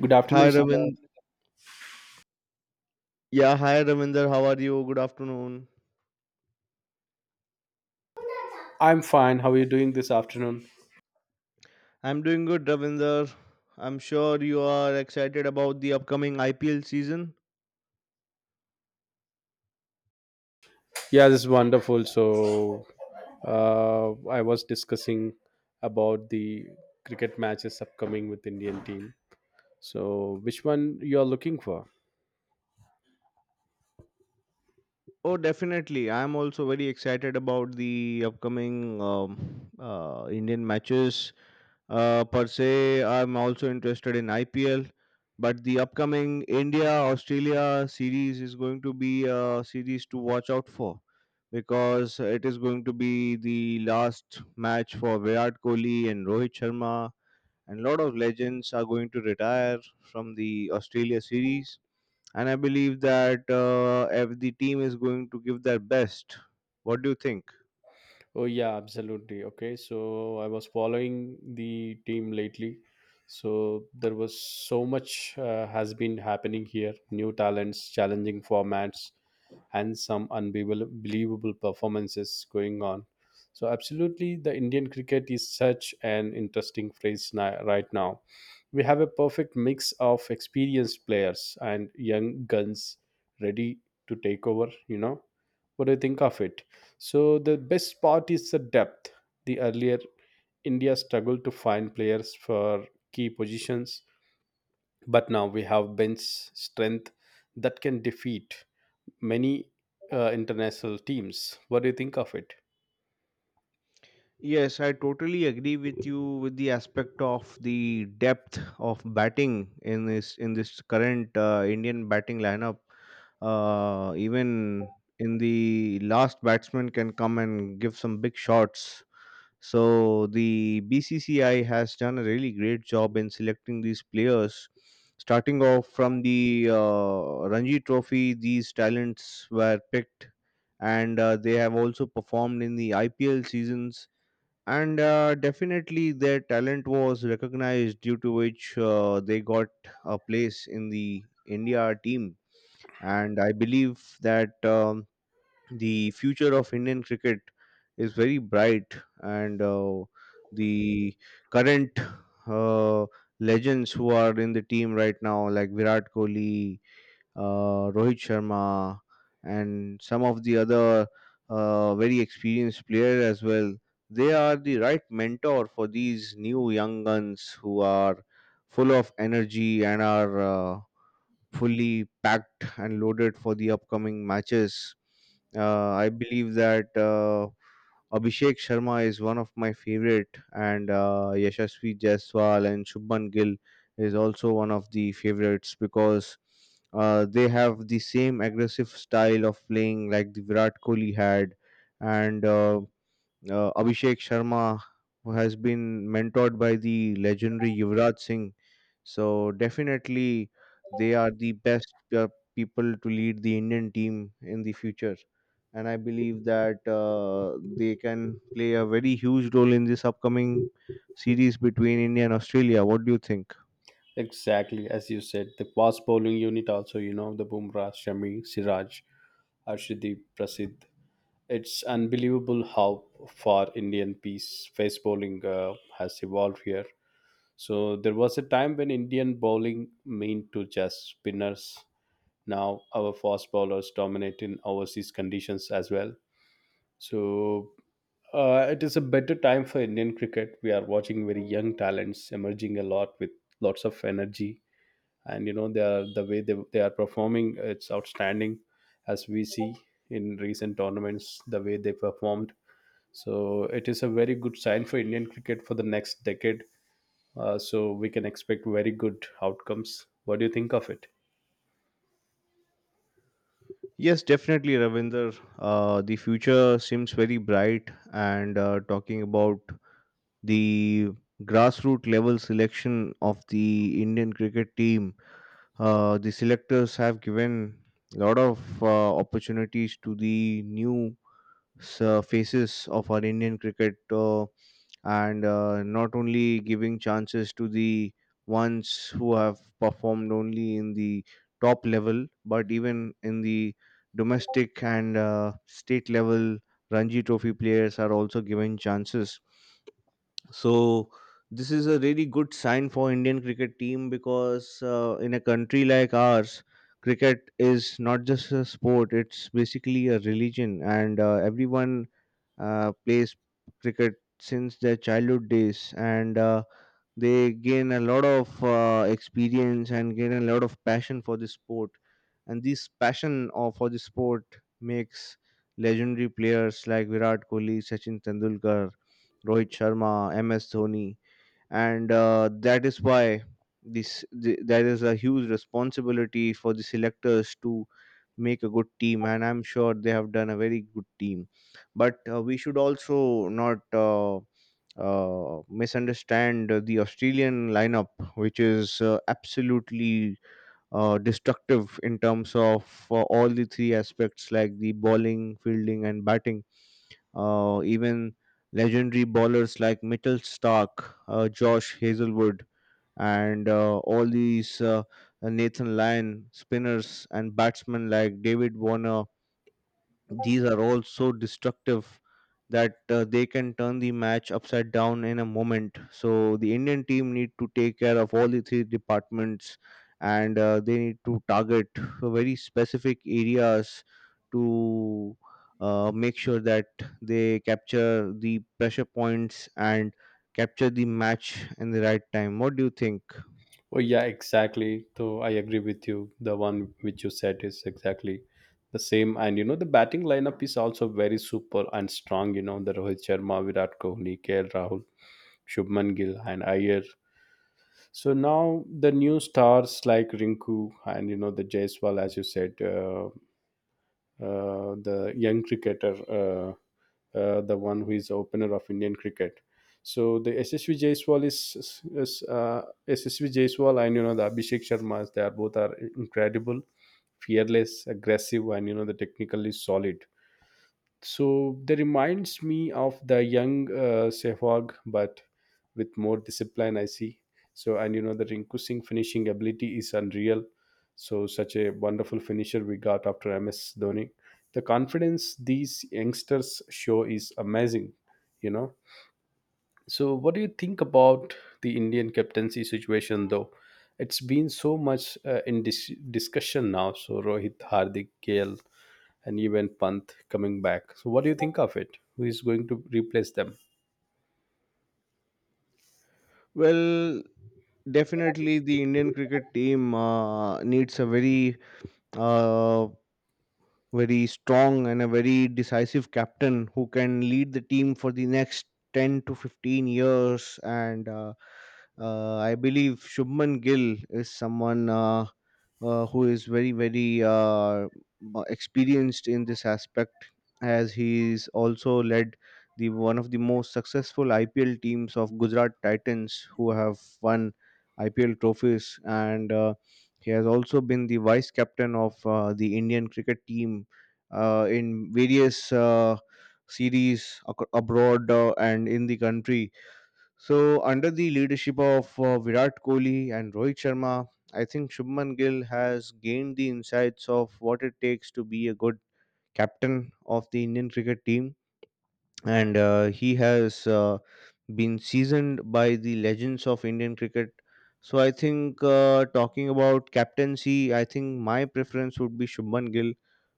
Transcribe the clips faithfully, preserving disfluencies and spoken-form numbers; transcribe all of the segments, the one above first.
Good afternoon, Hi Siddharth. Ravind. Yeah, hi Ravinder. How are you? Good afternoon. I'm fine. How are you doing this afternoon? I'm doing good, Ravinder. I'm sure you are excited about the upcoming I P L season. Yeah, this is wonderful. So, uh, I was discussing about the cricket matches upcoming with Indian team. So, which one you are looking for? Oh, definitely. I'm also very excited about the upcoming um, uh, Indian matches. Uh, per se, I'm also interested in I P L, but the upcoming India Australia series is going to be a series to watch out for because it is going to be the last match for Virat Kohli and Rohit Sharma, and lot of legends are going to retire from the Australia series. And I believe that uh, if the team is going to give their best, what do you think? Oh yeah, absolutely. Okay, so I was following the team lately. So there was so much uh, has been happening here. New talents, challenging formats, and some unbelievable performances going on. So absolutely, the Indian cricket is such an interesting phase ni- right now. We have a perfect mix of experienced players and young guns ready to take over. You know, what do you think of it? So the best part is the depth. The earlier India struggled to find players for key positions, but now we have bench strength that can defeat many uh, international teams. What do you think of it? Yes, I totally agree with you with the aspect of the depth of batting in this in this current uh, Indian batting lineup. Uh, even in the last batsman can come and give some big shots. So the B C C I has done a really great job in selecting these players. Starting off from the uh, Ranji Trophy, these talents were picked, and uh, they have also performed in the I P L seasons, and uh, definitely their talent was recognized, due to which uh, they got a place in the India team. And I believe that um, the future of Indian cricket is very bright, and uh, the current uh, legends who are in the team right now like Virat Kohli, uh, Rohit Sharma, and some of the other uh, very experienced player as well. They are the right mentor for these new young guns who are full of energy and are uh, fully packed and loaded for the upcoming matches. Uh, I believe that uh, Abhishek Sharma is one of my favorite, and uh, Yashasvi Jaiswal and Shubman Gill is also one of the favorites because uh, they have the same aggressive style of playing like the Virat Kohli had, and uh, uh, Abhishek Sharma, who has been mentored by the legendary Yuvraj Singh. So definitely, they are the best uh, people to lead the Indian team in the future, and I believe that uh, they can play a very huge role in this upcoming series between India and Australia. What do you think? Exactly, as you said, the fast bowling unit also, you know, the Bumrah, Shami, Siraj, Arshdeep Prasid. It's unbelievable how far Indian pace, face bowling uh, has evolved here. So there was a time when Indian bowling meant to just spinners. Now our fast bowlers dominate in overseas conditions as well. So uh, it is a better time for Indian cricket. We are watching very young talents emerging a lot with lots of energy, and you know they are the way they, they are performing. It's outstanding, as we see in recent tournaments the way they performed. So it is a very good sign for Indian cricket for the next decade. Uh, so we can expect very good outcomes. What do you think of it? Yes, definitely, Ravinder. Uh, the future seems very bright, and uh, talking about the grassroots level selection of the Indian cricket team, uh, the selectors have given a lot of uh, opportunities to the new s- uh, faces of our Indian cricket, uh, and uh, not only giving chances to the ones who have performed only in the top level, but even in the domestic and uh, state level, Ranji Trophy players are also given chances. So this is a really good sign for Indian cricket team because uh, in a country like ours, cricket is not just a sport; it's basically a religion, and uh, everyone uh, plays cricket since their childhood days, and uh, they gain a lot of uh, experience and gain a lot of passion for this sport. And this passion of, for the sport makes legendary players like Virat Kohli, Sachin Tendulkar, Rohit Sharma, M S Dhoni, and uh, that is why this the, there is a huge responsibility for the selectors to make a good team, and I'm sure they have done a very good team. But uh, we should also not uh, uh, misunderstand uh, the Australian lineup, which is uh, absolutely uh, destructive in terms of uh, all the three aspects like the bowling, fielding, and batting. Uh, even legendary bowlers like Mitchell Stark, uh, Josh Hazelwood, and uh, all these uh, Nathan Lyon, spinners, and batsmen like David Warner, these are all so destructive that uh, they can turn the match upside down in a moment. So the Indian team need to take care of all the three departments, and uh, they need to target very specific areas to uh, make sure that they capture the pressure points and capture the match in the right time. What do you think? Oh yeah, exactly, so I agree with you. The one which you said is exactly the same, and you know the batting lineup is also very super and strong. You know, the Rohit Sharma, Virat Kohli, KL Rahul, Shubman Gill and Iyer. So now the new stars like Rinku and you know the Jaiswal, as you said, uh, uh, the young cricketer, uh, uh, the one who is the opener of Indian cricket. So the S S V Jaiswal is, is is, uh, S S V Jaiswal, and you know the Abhishek Sharma. They are both are incredible, fearless, aggressive, and you know the technically solid. So they reminds me of the young uh, Sehwag, but with more discipline, I see. So, and you know, the Rinku Singh finishing ability is unreal. So such a wonderful finisher we got after M S Dhoni. The confidence these youngsters show is amazing, you know. So what do you think about the Indian captaincy situation though? It's been so much uh, in dis- discussion now. So Rohit, Hardik, K L, and even Panth coming back. So, what do you think of it? Who is going to replace them? Well, definitely the Indian cricket team uh, needs a very uh, very strong and a very decisive captain who can lead the team for the next ten to fifteen years. And uh, uh, I believe Shubman Gill is someone uh, uh, who is very, very uh, m- experienced in this aspect, as he's also led the one of the most successful I P L teams of Gujarat Titans, who have won I P L trophies, and uh, he has also been the vice captain of uh, the Indian cricket team uh, in various uh, series ac- abroad uh, and in the country. So, under the leadership of uh, Virat Kohli and Rohit Sharma, I think Shubman Gill has gained the insights of what it takes to be a good captain of the Indian cricket team, and uh, he has uh, been seasoned by the legends of Indian cricket. So I think uh, talking about captaincy, I think my preference would be Shubman Gill,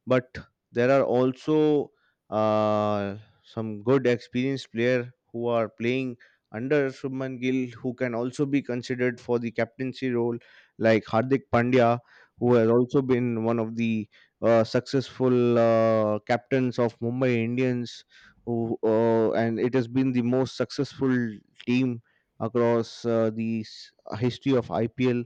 but there are also uh, some good experienced player who are playing under Shubman Gill who can also be considered for the captaincy role, like Hardik Pandya, who has also been one of the uh, successful uh, captains of Mumbai Indians, who, uh, and it has been the most successful team across uh, the s- uh, history of I P L.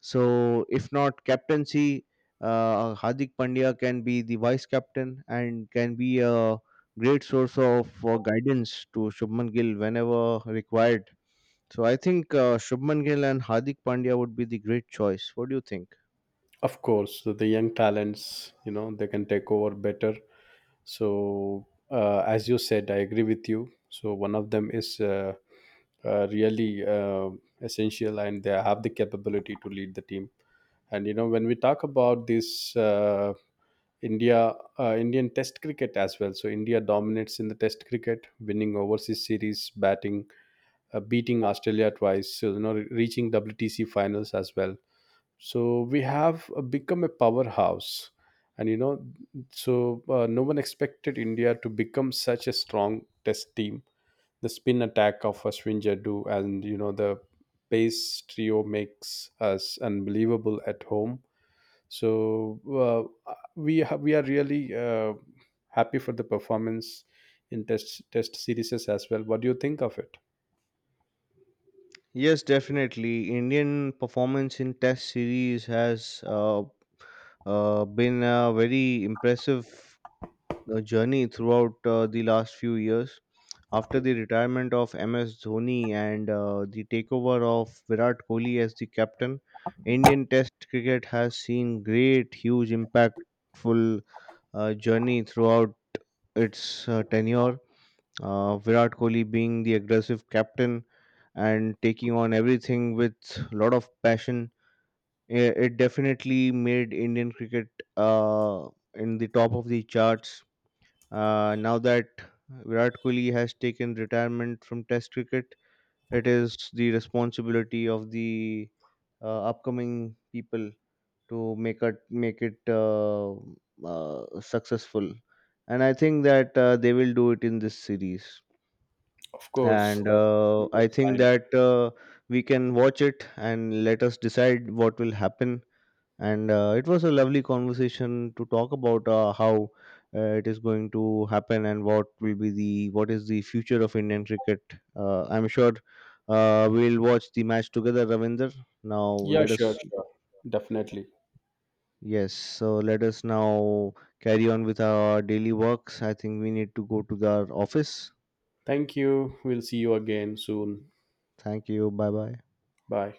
So, if not captaincy, uh, Hardik Pandya can be the vice captain and can be a great source of uh, guidance to Shubman Gill whenever required. So, I think uh, Shubman Gill and Hardik Pandya would be the great choice. What do you think? Of course, so the young talents, you know, they can take over better. So, uh, as you said, I agree with you. So, one of them is uh, uh, really uh, essential, and they have the capability to lead the team. And you know, when we talk about this uh, India, uh, Indian Test cricket as well. So India dominates in the Test cricket, winning overseas series, batting uh, beating Australia twice, so, you know, re- reaching W T C finals as well. So we have uh, become a powerhouse, and you know, so uh, no one expected India to become such a strong test team. The spin attack of Ashwin Jadoo and you know the pace trio makes us unbelievable at home. So uh, we ha- we are really uh, happy for the performance in test test series as well. What do you think of it? Yes, definitely. Indian performance in Test series has. Uh, uh, been a very impressive uh, journey throughout uh, the last few years. After the retirement of M S Dhoni and uh, the takeover of Virat Kohli as the captain, Indian Test cricket has seen great, huge, impactful uh, journey throughout its uh, tenure. Uh, Virat Kohli being the aggressive captain and taking on everything with a lot of passion, I- it definitely made Indian cricket uh, in the top of the charts. Uh, now that Virat Kohli has taken retirement from Test cricket, it is the responsibility of the uh, upcoming people to make it make it uh, uh, successful, and I think that uh, they will do it in this series. Of course, And that's a uh, good I think sign. that uh, we can watch it and let us decide what will happen, and uh, it was a lovely conversation to talk about uh, how uh, it is going to happen and what will be the what is the future of Indian cricket. Uh, I'm sure uh, we'll watch the match together, Ravinder. Now Yeah, let sure, us sure. Definitely. Yes, so let us now carry on with our daily works. I think we need to go to the office. Thank you. We'll see you again soon. Thank you. Bye bye. Bye.